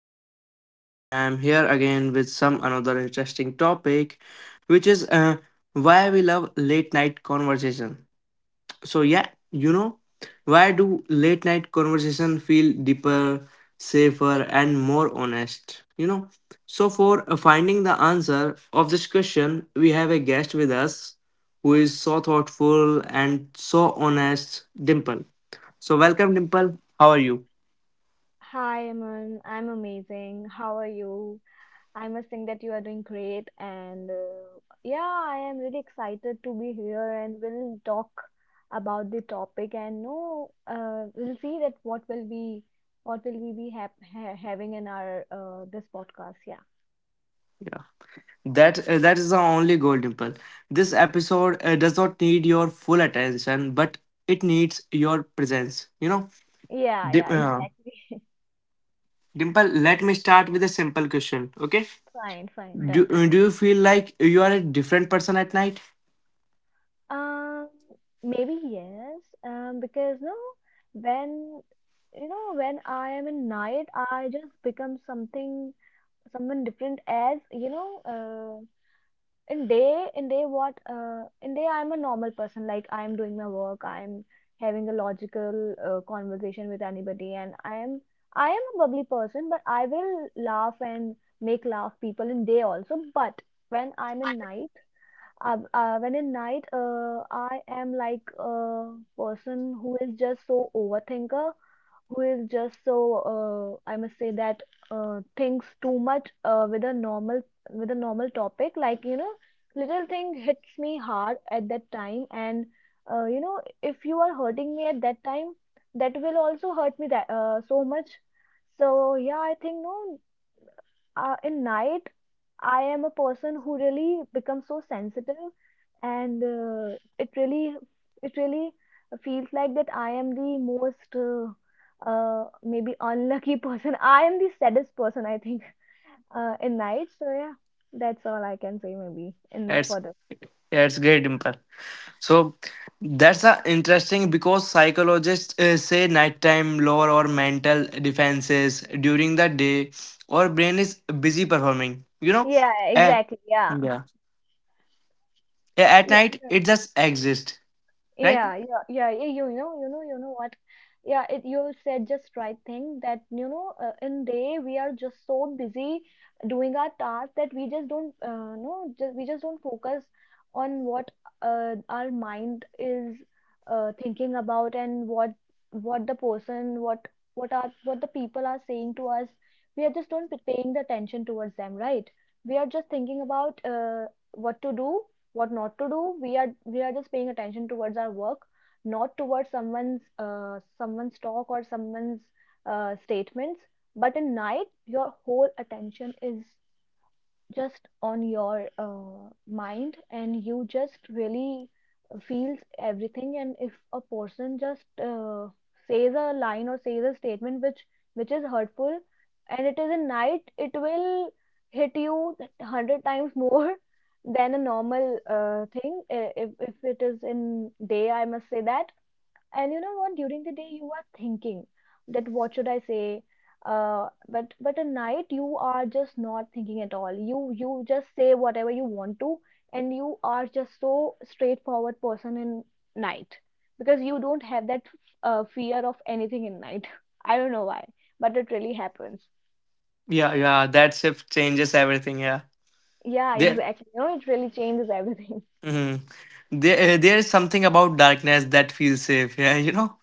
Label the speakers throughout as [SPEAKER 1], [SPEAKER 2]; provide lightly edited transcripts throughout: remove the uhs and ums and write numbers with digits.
[SPEAKER 1] host Aman and I'm here again with some another interesting topic which is why we love late night conversation. So yeah, you know, why do late night conversation feel deeper, safer and more honest? So for finding the answer of this question, we have a guest with us who is so thoughtful and so honest, Dimple. So welcome Dimple. How are you?
[SPEAKER 2] Hi, Aman. I'm amazing. How are you? I must think that you are doing great. And yeah, I am really excited to be here and we'll talk about the topic and no, we'll see that what will be what will we be hap ha having in our this podcast. Yeah.
[SPEAKER 1] That is the only goal, Dimple. This episode does not need your full attention, but it needs your presence.
[SPEAKER 2] Yeah,
[SPEAKER 1] Dim-
[SPEAKER 2] yeah,
[SPEAKER 1] uh,
[SPEAKER 2] exactly.
[SPEAKER 1] Dimple. Let me start with a simple question. Okay,
[SPEAKER 2] Fine, fine,
[SPEAKER 1] do
[SPEAKER 2] done.
[SPEAKER 1] uh, do you feel like you are a different person at night?
[SPEAKER 2] Um, Maybe yes. Because no, when when I am in night, I just become something someone different as you know in day what in day I'm a normal person, like I'm doing my work, I'm having a logical conversation with anybody, and I am a bubbly person, but I will laugh and make laugh people in day also. But when I'm in night when in night I am like a person who is just so overthinker, who is just so I must say that thinks too much with a normal topic. Like little thing hits me hard at that time, and if you are hurting me at that time, that will also hurt me that so much. So yeah, I think no. In night, I am a person who really becomes so sensitive, and it really feels like that I am the most maybe unlucky person. I am the saddest person, I think, in night. So yeah, that's all I can say maybe in
[SPEAKER 1] That's
[SPEAKER 2] for the
[SPEAKER 1] that's great, Dimple. So that's interesting because psychologists say nighttime lower or mental defenses during the day, or brain is busy performing.
[SPEAKER 2] yeah
[SPEAKER 1] And
[SPEAKER 2] exactly yeah.
[SPEAKER 1] yeah. Yeah, at night it just exists, right?
[SPEAKER 2] Yeah, yeah, yeah, yeah, you know what? Yeah, it you said just right thing that you know in day we are just so busy doing our task that we just don't no just we just don't focus on what our mind is thinking about, and what the person what are what the people are saying to us. We are just don't paying the attention towards them, right? We are just thinking about what to do, what not to do. We are we are just paying attention towards our work, not towards someone's someone's talk or someone's statements. But in night your whole attention is just on your mind, and you just really feels everything. And if a person just says a line or says a statement which is hurtful, and it is a night, it will hit you 100 times more than a normal thing if it is in day, I must say that. And you know what, during the day you are thinking that what should I say, but at night you are just not thinking at all. You you just say whatever you want to, and you are just so straightforward person in night because you don't have that fear of anything in night. I don't know why, but it really happens.
[SPEAKER 1] Yeah, yeah. That shift changes everything. Yeah,
[SPEAKER 2] Yeah,
[SPEAKER 1] there,
[SPEAKER 2] exactly, you know, it really changes everything.
[SPEAKER 1] mhm. There is something about darkness that feels safe. Yeah, you know.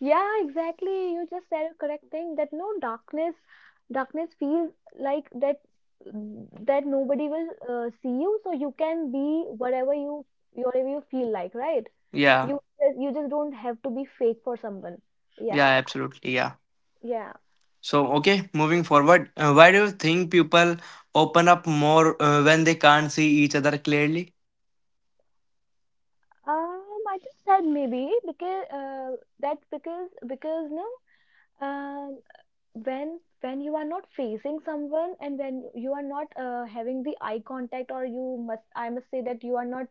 [SPEAKER 2] Yeah, exactly. You just said a correct thing that no, darkness feels like that that nobody will see you, so you can be whatever you feel like, right?
[SPEAKER 1] Yeah,
[SPEAKER 2] You just don't have to be fake for someone.
[SPEAKER 1] yeah,
[SPEAKER 2] Yeah,
[SPEAKER 1] absolutely. Yeah.
[SPEAKER 2] yeah.
[SPEAKER 1] So okay, moving forward, why do you think people open up more when they can't see each other clearly?
[SPEAKER 2] I just said maybe because that's because no, um, when you are not facing someone, and when you are not having the eye contact, or you must, I must say that, you are not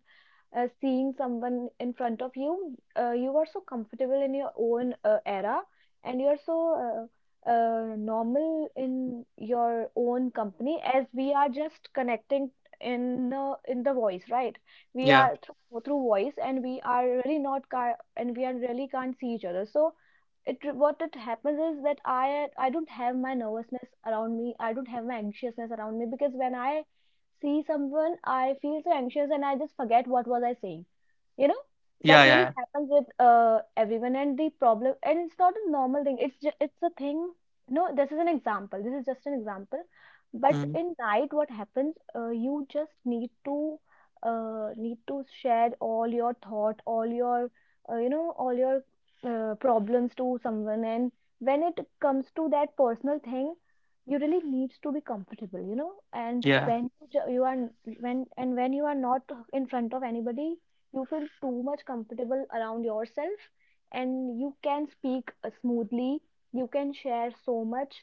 [SPEAKER 2] seeing someone in front of you, you are so comfortable in your own era, and you are so normal in your own company, as we are just connecting in the voice, right? We
[SPEAKER 1] Yeah,
[SPEAKER 2] are through, through voice, and we are really not and we are really can't see each other. So it what it happens is that I don't have my nervousness around me. I don't have my anxiousness around me, because when I see someone, I feel so anxious and I just forget what was I saying. You know,
[SPEAKER 1] yeah,
[SPEAKER 2] that
[SPEAKER 1] yeah,
[SPEAKER 2] really
[SPEAKER 1] yeah.
[SPEAKER 2] happens with everyone, and the problem. And it's not a normal thing. It's just, it's a thing. No, this is an example. This is just an example. But
[SPEAKER 1] Mhm.
[SPEAKER 2] in night, what happens? You just need to need to share all your thought, all your all your problems to someone. And when it comes to that personal thing, you really needs to be comfortable, you know. And
[SPEAKER 1] Yeah.
[SPEAKER 2] when you you are when and when you are not in front of anybody, you feel too much comfortable around yourself, and you can speak smoothly, you can share so much.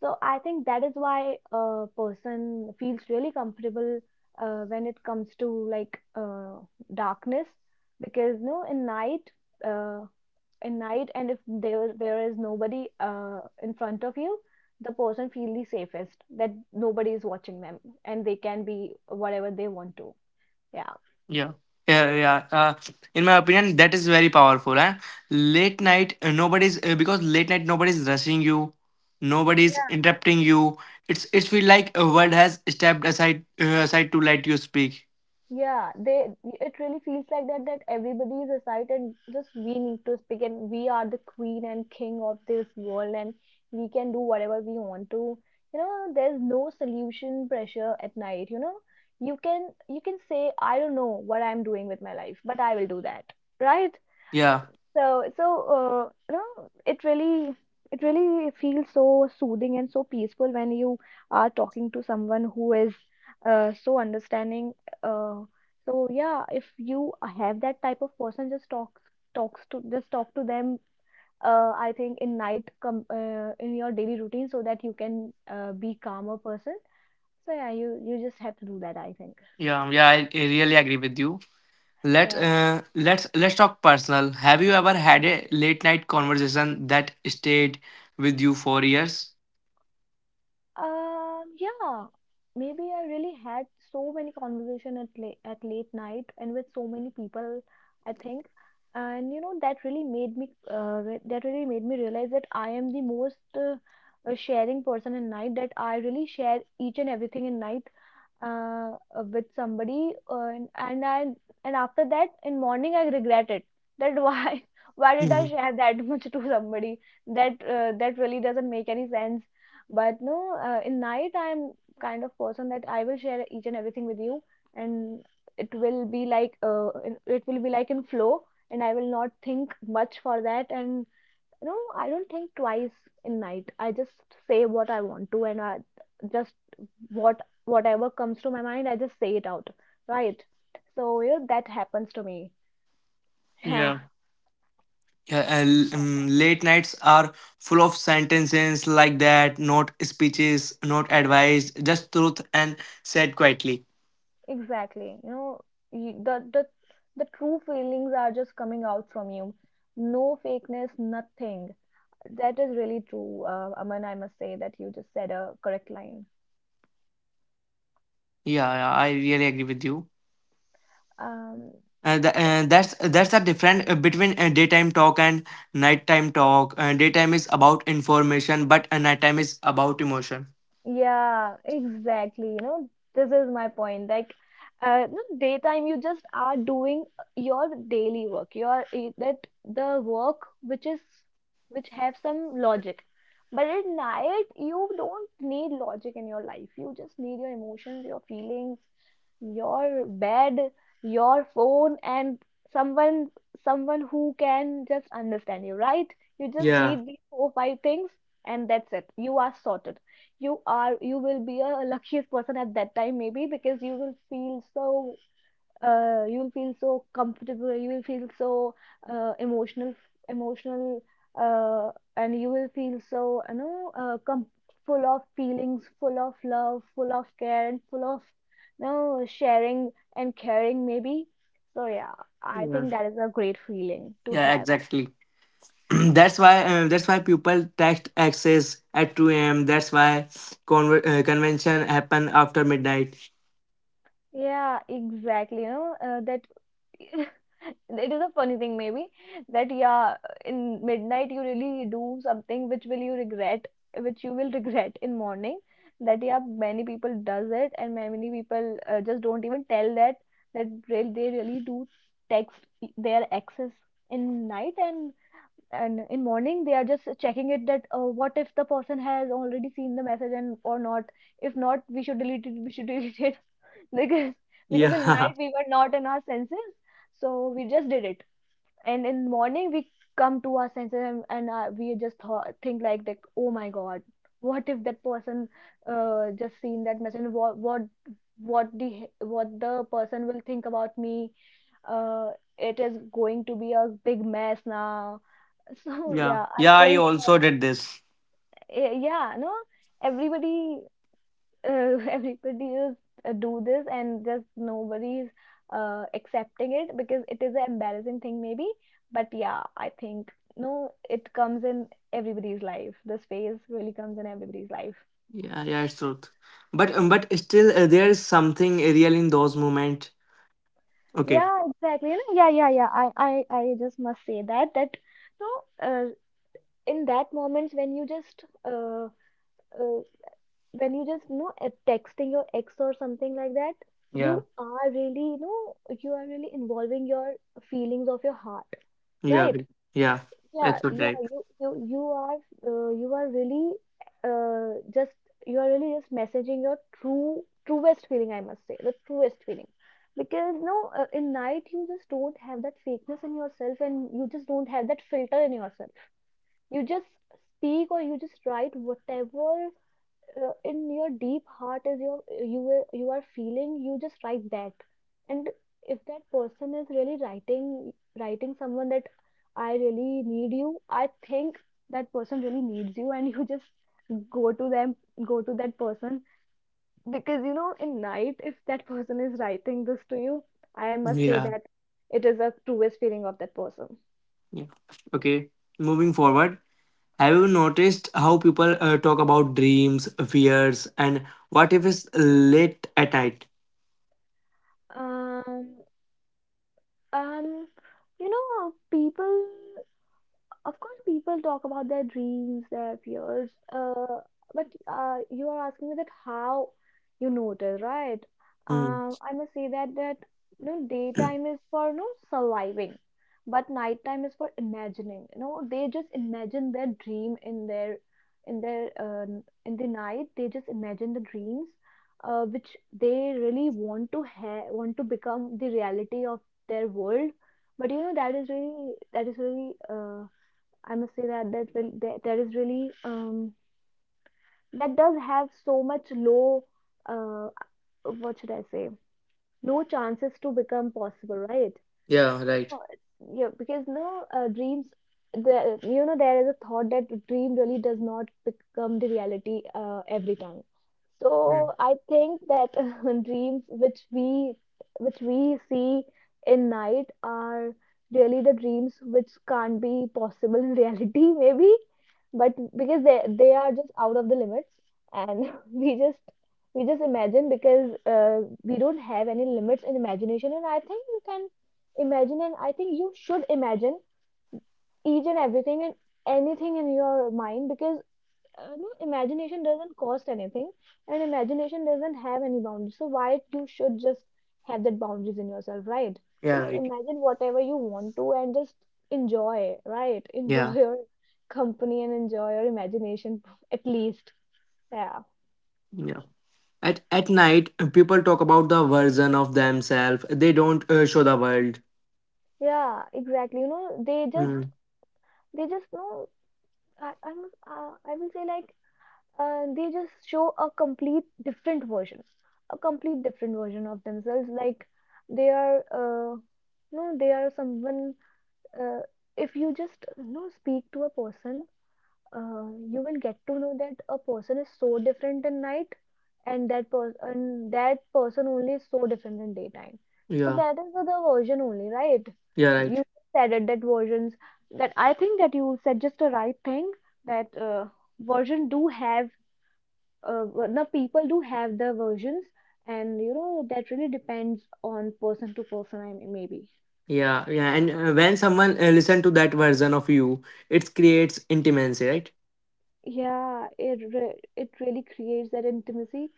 [SPEAKER 2] So I think that is why a person feels really comfortable when it comes to like uh, darkness. Because no, in night uh, in night, and if there is nobody in front of you, the person feel the safest that nobody is watching them, and they can be whatever they want to. Yeah.
[SPEAKER 1] Yeah. Yeah, yeah. In my opinion, that is very powerful. Eh? Late night, nobody's because late night nobody's rushing you, nobody's
[SPEAKER 2] Yeah.
[SPEAKER 1] interrupting you. It's feel like a world has stepped aside aside to let you speak.
[SPEAKER 2] Yeah, they, it really feels like that that everybody is aside, and just we need to speak, and we are the queen and king of this world, and we can do whatever we want to. You know, there's no solution pressure at night, you know. You can, you can say, I don't know what I'm doing with my life, but I will do that, right?
[SPEAKER 1] Yeah,
[SPEAKER 2] So, so uh, you know, it really, it really feels so soothing and so peaceful when you are talking to someone who is so understanding. Uh, so yeah, if you have that type of person, just talk, just talk to them. I think in night, com in your daily routine, so that you can be calmer person. So yeah, you just have to do that, I think.
[SPEAKER 1] yeah, yeah. I really agree with you. Let
[SPEAKER 2] Yeah.
[SPEAKER 1] uh, let's let's talk personal. Have you ever had a late night conversation that stayed with you for years?
[SPEAKER 2] Yeah, maybe I really had so many conversation at late night and with so many people, I think. And you know that really made me that really made me realize that I am the most sharing person in night, that I really share each and everything in night uh, with somebody and I and after that in morning I regret it that why why did I
[SPEAKER 1] Mhm.
[SPEAKER 2] share that much to somebody, that that really doesn't make any sense. But no, in night I'm kind of person that I will share each and everything with you, and it will be like it will be like in flow, and I will not think much for that. And you know, I don't think twice in night. I just say what I want to, and I just what whatever comes to my mind, I just say it out, right? So you know, that happens to me. Yeah,
[SPEAKER 1] Yeah. Yeah, and, late nights are full of sentences like that, not speeches, not advice, just truth and said quietly.
[SPEAKER 2] exactly, you know, the true feelings are just coming out from you. No fakeness, nothing. That is really true, Aman, I must say that you just said a correct line.
[SPEAKER 1] Yeah, yeah, I really agree with you.
[SPEAKER 2] um
[SPEAKER 1] The, that's the difference between daytime talk and nighttime talk. Daytime is about information, but nighttime is about emotion.
[SPEAKER 2] Yeah, exactly. You know, this is my point. Like, daytime you just are doing your daily work. Your that the work which is which have some logic. But at night you don't need logic in your life. You just need your emotions, your feelings, your bed, your phone, and someone who can just understand you, right? You just
[SPEAKER 1] Yeah,
[SPEAKER 2] need these four, five things, and that's it. You are sorted. You will be a luckiest person at that time maybe, because you will feel so you will feel so comfortable, you will feel so emotional. emotional uh, and you will feel so full of feelings, full of love, full of care, and full of sharing and caring maybe. So yeah, I
[SPEAKER 1] yeah,
[SPEAKER 2] think that is a great feeling to
[SPEAKER 1] yeah,
[SPEAKER 2] have.
[SPEAKER 1] exactly. That's why people text access at 2 a.m. That's why convention happen after midnight.
[SPEAKER 2] Yeah, exactly. you know that It is a funny thing maybe. That yeah In midnight you really do something which will you regret, which you will regret in morning. That yeah Many people does it, and many people just don't even tell that they really do text their exes in night. And in morning they are just checking it that what if the person has already seen the message and or not. If not, we should delete it, we should delete it, because because in
[SPEAKER 1] Yeah,
[SPEAKER 2] night we were not in our senses, so we just did it. And in morning we come to our senses, and we just think like that, oh my God, what if that person just seen that message, and what what the person will think about me. uh, it is going to be a big mess now. So
[SPEAKER 1] yeah,
[SPEAKER 2] yeah, I
[SPEAKER 1] yeah. I
[SPEAKER 2] think.
[SPEAKER 1] also did this.
[SPEAKER 2] Yeah, no, everybody everybody is do this, and just nobody's accepting it, because it is an embarrassing thing maybe. But yeah, I think no, it comes in everybody's life, this phase really comes in everybody's life.
[SPEAKER 1] Yeah, yeah, it's truth. But still, there is something real in those moments. Okay.
[SPEAKER 2] Yeah, exactly, you know, yeah, yeah, yeah, I just must say that no, uh, in that moments uh, when you just texting your ex or something like that, you
[SPEAKER 1] Yeah.
[SPEAKER 2] are really, you know, you are really involving your feelings of your heart.
[SPEAKER 1] Yeah.
[SPEAKER 2] Right.
[SPEAKER 1] we- Yeah.
[SPEAKER 2] Yeah,
[SPEAKER 1] That's
[SPEAKER 2] yeah,
[SPEAKER 1] right.
[SPEAKER 2] you are you are really, just you are really just messaging your truest feeling, I must say, the truest feeling. Because no, in night you just don't have that fakeness in yourself, and you just don't have that filter in yourself. You just speak, or you just write whatever in your deep heart is, your you are feeling, you just write that. And if that person is really writing someone that I really need you, I think that person really needs you, and you just go to them go to that person, because you know in night, if that person is writing this to you, I must say
[SPEAKER 1] Yeah.
[SPEAKER 2] that it is a truest feeling of that person.
[SPEAKER 1] Yeah. Okay. Moving forward, have you noticed how people talk about dreams, fears, and what if it's late at night?
[SPEAKER 2] um um you know, people, of course, people talk about their dreams, their fears, but you are asking me that how you notice, right?
[SPEAKER 1] Hmm.
[SPEAKER 2] I must say that you know, daytime is for, you know, surviving, but nighttime is for imagining. You know, they just imagine their dream in their in the night. They just imagine the dreams, which they really want to want to become the reality of their world. But you know that is really, I must say that is really that does have so much low, uh, what should I say, low chances to become possible, right?
[SPEAKER 1] Yeah. Right.
[SPEAKER 2] God. Yeah, because now dreams, there is a thought that the dream really does not become the reality every time.
[SPEAKER 1] Mm.
[SPEAKER 2] So I think that dreams which we see in night are really the dreams which can't be possible in reality maybe. But because they are just out of the limits, and we just we just imagine, because we don't have any limits in imagination, and I think you can imagine, and I think you should imagine each and everything and anything in your mind, because no, imagination doesn't cost anything, and imagination doesn't have any boundaries, so why you should just have that boundaries in yourself, right?
[SPEAKER 1] Yeah.
[SPEAKER 2] Just
[SPEAKER 1] Right.
[SPEAKER 2] imagine whatever you want to, and just enjoy, right? Enjoy
[SPEAKER 1] Yeah.
[SPEAKER 2] your company, and enjoy your imagination at least. Yeah.
[SPEAKER 1] Yeah. At night, people talk about the version of themselves they don't show the world.
[SPEAKER 2] Yeah, exactly, you know, they just
[SPEAKER 1] Mm,
[SPEAKER 2] know. I, I'm I will say like they just show a complete different version, a complete different version of themselves. Like they are, no, they are someone. Uh, if you just, you know, speak to a person, you will get to know that a person is so different in night, and that person only is so different in daytime. So
[SPEAKER 1] yeah,
[SPEAKER 2] that is the version only, right?
[SPEAKER 1] yeah,
[SPEAKER 2] You
[SPEAKER 1] right.
[SPEAKER 2] said it, that versions, that I think that you said just the right thing, that version do have now people do have their versions, and you know that really depends on person to person, I mean, maybe.
[SPEAKER 1] Yeah, yeah. And when someone listen to that version of you, it creates intimacy, right?
[SPEAKER 2] Yeah, it really creates that intimacy.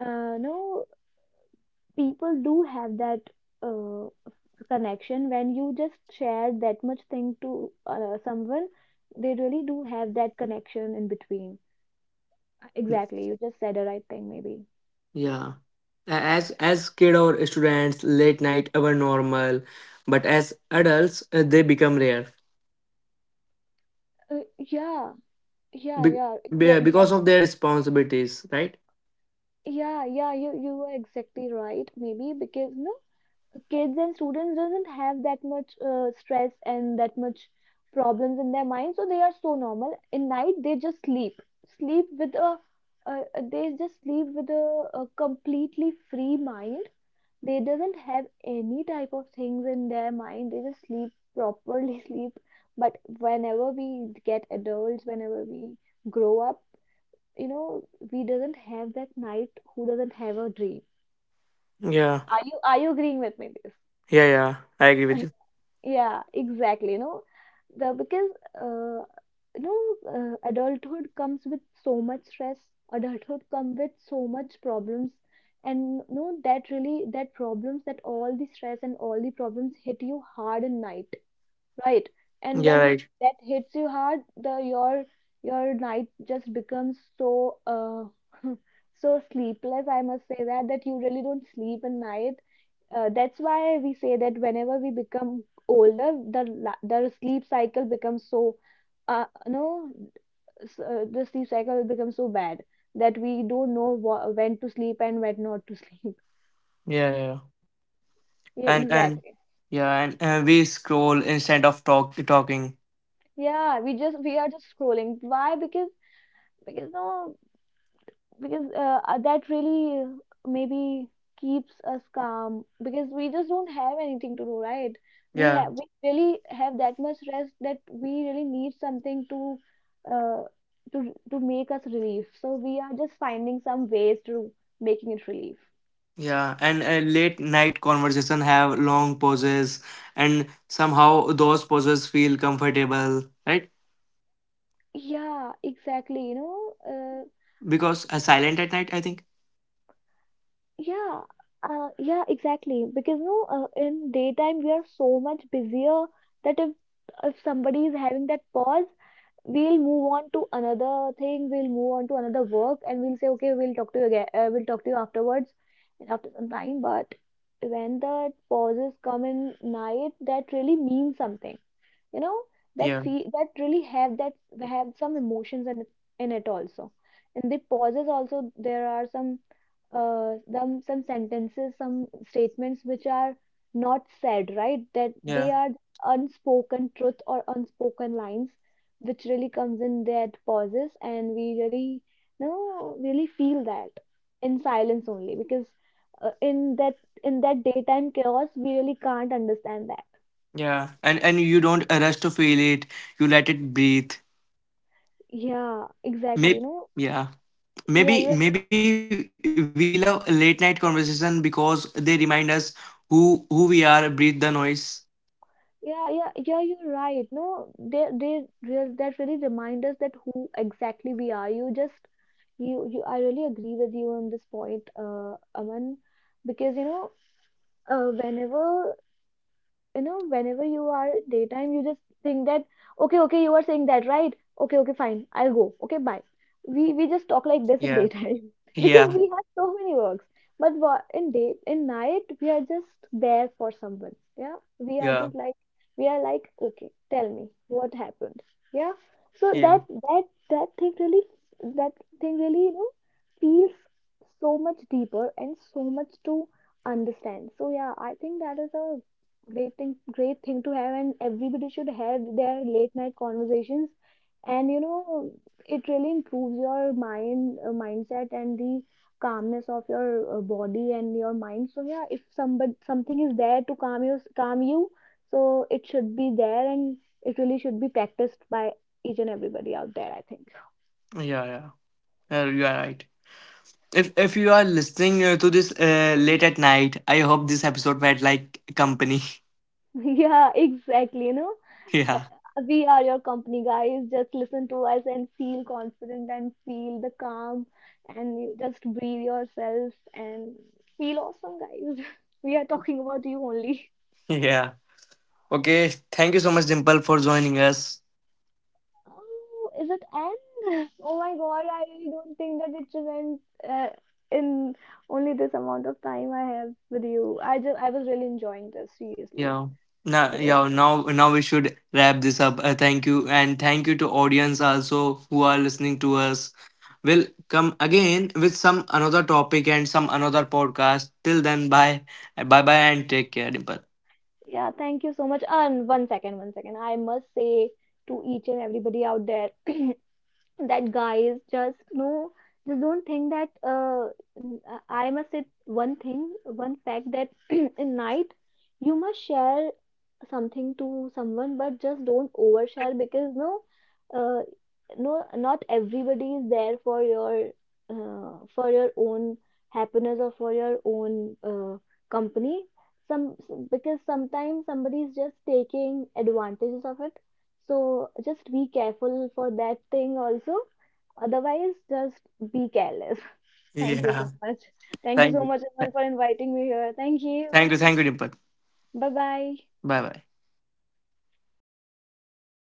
[SPEAKER 2] No, people do have that uh, connection. When you just share that much thing to someone, they really do have that connection in between. Exactly, you just said the right thing maybe.
[SPEAKER 1] Yeah. A- as kid or students, late night were normal, but as adults, they become rare.
[SPEAKER 2] uh, yeah yeah
[SPEAKER 1] Be-
[SPEAKER 2] yeah yeah,
[SPEAKER 1] because
[SPEAKER 2] exactly.
[SPEAKER 1] of their responsibilities, right?
[SPEAKER 2] Yeah, yeah, you are exactly right maybe, because no, kids and students doesn't have that much stress and that much problems in their mind, so they are so normal in night, they just sleep with a uh, a completely free mind. They doesn't have any type of things in their mind, they just sleep properly sleep. But whenever we get adults, whenever we grow up, you know, we doesn't have that night who doesn't have a dream.
[SPEAKER 1] Yeah,
[SPEAKER 2] Are you are you agreeing with me this?
[SPEAKER 1] yeah, yeah. I agree with you.
[SPEAKER 2] Yeah, exactly. You know, the because uh, you know, adulthood comes with so much stress. Adulthood comes with so much problems, and you know that really that all the stress and all the problems hit you hard in night, right? And
[SPEAKER 1] Yeah,
[SPEAKER 2] when
[SPEAKER 1] right.
[SPEAKER 2] that hits you hard, the your night just becomes so so sleepless, I must say that you really don't sleep at night. That's why we say that whenever we become older, the sleep cycle becomes so no s- the sleep cycle becomes so bad that we don't know when to sleep and when not to sleep.
[SPEAKER 1] Yeah, yeah, yeah.
[SPEAKER 2] Yeah,
[SPEAKER 1] And
[SPEAKER 2] exactly.
[SPEAKER 1] yeah and we scroll instead of talking.
[SPEAKER 2] Yeah, we are just scrolling. Why? Because because no because uh, uh, that really maybe keeps us calm, because we just don't have anything to do, right? we
[SPEAKER 1] Yeah,
[SPEAKER 2] have we really have that much rest that we really need something to uh, make us relief, so we are just finding some ways to making it relief.
[SPEAKER 1] yeah. And late night conversation have long pauses and somehow those pauses feel comfortable, right?
[SPEAKER 2] Yeah, exactly, you know. uh,
[SPEAKER 1] Because silent at night I think.
[SPEAKER 2] yeah yeah, exactly. Because no, in daytime we are so much busier that if somebody is having that pause, we'll move on to another thing, we'll move on to another work, and we'll say okay, we'll talk to you again, we'll talk to you afterwards, and after some time. But when the pauses come in night, that really means something. You know
[SPEAKER 1] Yeah,
[SPEAKER 2] that really have that, have some emotions in it also. And the pauses also, there are some some sentences, some statements which are not said, right, that they
[SPEAKER 1] yeah.
[SPEAKER 2] are unspoken truth or unspoken lines, which really comes in that pauses, and we really, you know, really feel that in silence only, because uh, in that in that daytime chaos we really can't understand that.
[SPEAKER 1] And you don't rush to feel it, you let it breathe.
[SPEAKER 2] Yeah, exactly, no.
[SPEAKER 1] Maybe, yeah,
[SPEAKER 2] Yeah, you.
[SPEAKER 1] maybe, maybe we love late night conversation because they remind us who we are breathe the noise.
[SPEAKER 2] Yeah, yeah, yeah, you're right. No, they real that really remind us that who exactly we are. You just you you I really agree with you on this point, Aman, because you know, whenever whenever you are daytime, you just think that okay, okay, you are saying that, right? Okay, okay, fine, I'll go. Okay, bye. We just talk like this in daytime
[SPEAKER 1] Yeah,
[SPEAKER 2] because we have
[SPEAKER 1] yeah,
[SPEAKER 2] so many works. But in night we are just there for someone. Yeah,
[SPEAKER 1] yeah,
[SPEAKER 2] we are like, okay, tell me what happened. Yeah, so that,
[SPEAKER 1] yeah.
[SPEAKER 2] that that thing really, that you know, feels so much deeper, and so much to understand. So yeah, I think that is a great thing, to have, and everybody should have their late night conversations. And you know, it really improves your mindset and the calmness of your body and your mind. So yeah, if somebody, something is there to calm you, so it should be there, and it really should be practiced by each and everybody out there, I think.
[SPEAKER 1] Yeah, yeah. You are right. If you are listening to this late at night, I hope this episode felt like company.
[SPEAKER 2] Yeah, exactly, you know. Uh,
[SPEAKER 1] yeah,
[SPEAKER 2] We are your company, guys. Just listen to us and feel confident and feel the calm, and you just breathe yourself and feel awesome, guys. We are talking about you only.
[SPEAKER 1] yeah. Okay, thank you so much, Dimple, for joining us.
[SPEAKER 2] Oh, is it end? Oh my God, I don't think that it should end uh, in only this amount of time I have with you. I was really enjoying this, seriously.
[SPEAKER 1] Yeah. Now,
[SPEAKER 2] I don't.
[SPEAKER 1] yeah, now, now we should wrap this up. Thank you, and thank you to audience also who are listening to us. We'll come again with some another topic and some another podcast. Till then, bye, bye, bye, and take care, Dimple.
[SPEAKER 2] Yeah, thank you so much. And one second, one second. I must say to each and everybody out there that guys, just no, just don't think that I must say one thing, one fact, that in night, you must share something to someone, but just don't overshare, because no, uh, no, not everybody is there for your own happiness or for your own company. Because sometimes somebody is just taking advantages of it, so just be careful for that thing also. Otherwise, just be careless. Thank you so
[SPEAKER 1] Yeah.
[SPEAKER 2] much. Thank you
[SPEAKER 1] Thank
[SPEAKER 2] so
[SPEAKER 1] you.
[SPEAKER 2] much, everyone, for inviting me here. Thank you.
[SPEAKER 1] Thank you. Thank you, Dimple.
[SPEAKER 2] Bye bye.
[SPEAKER 1] Bye, bye.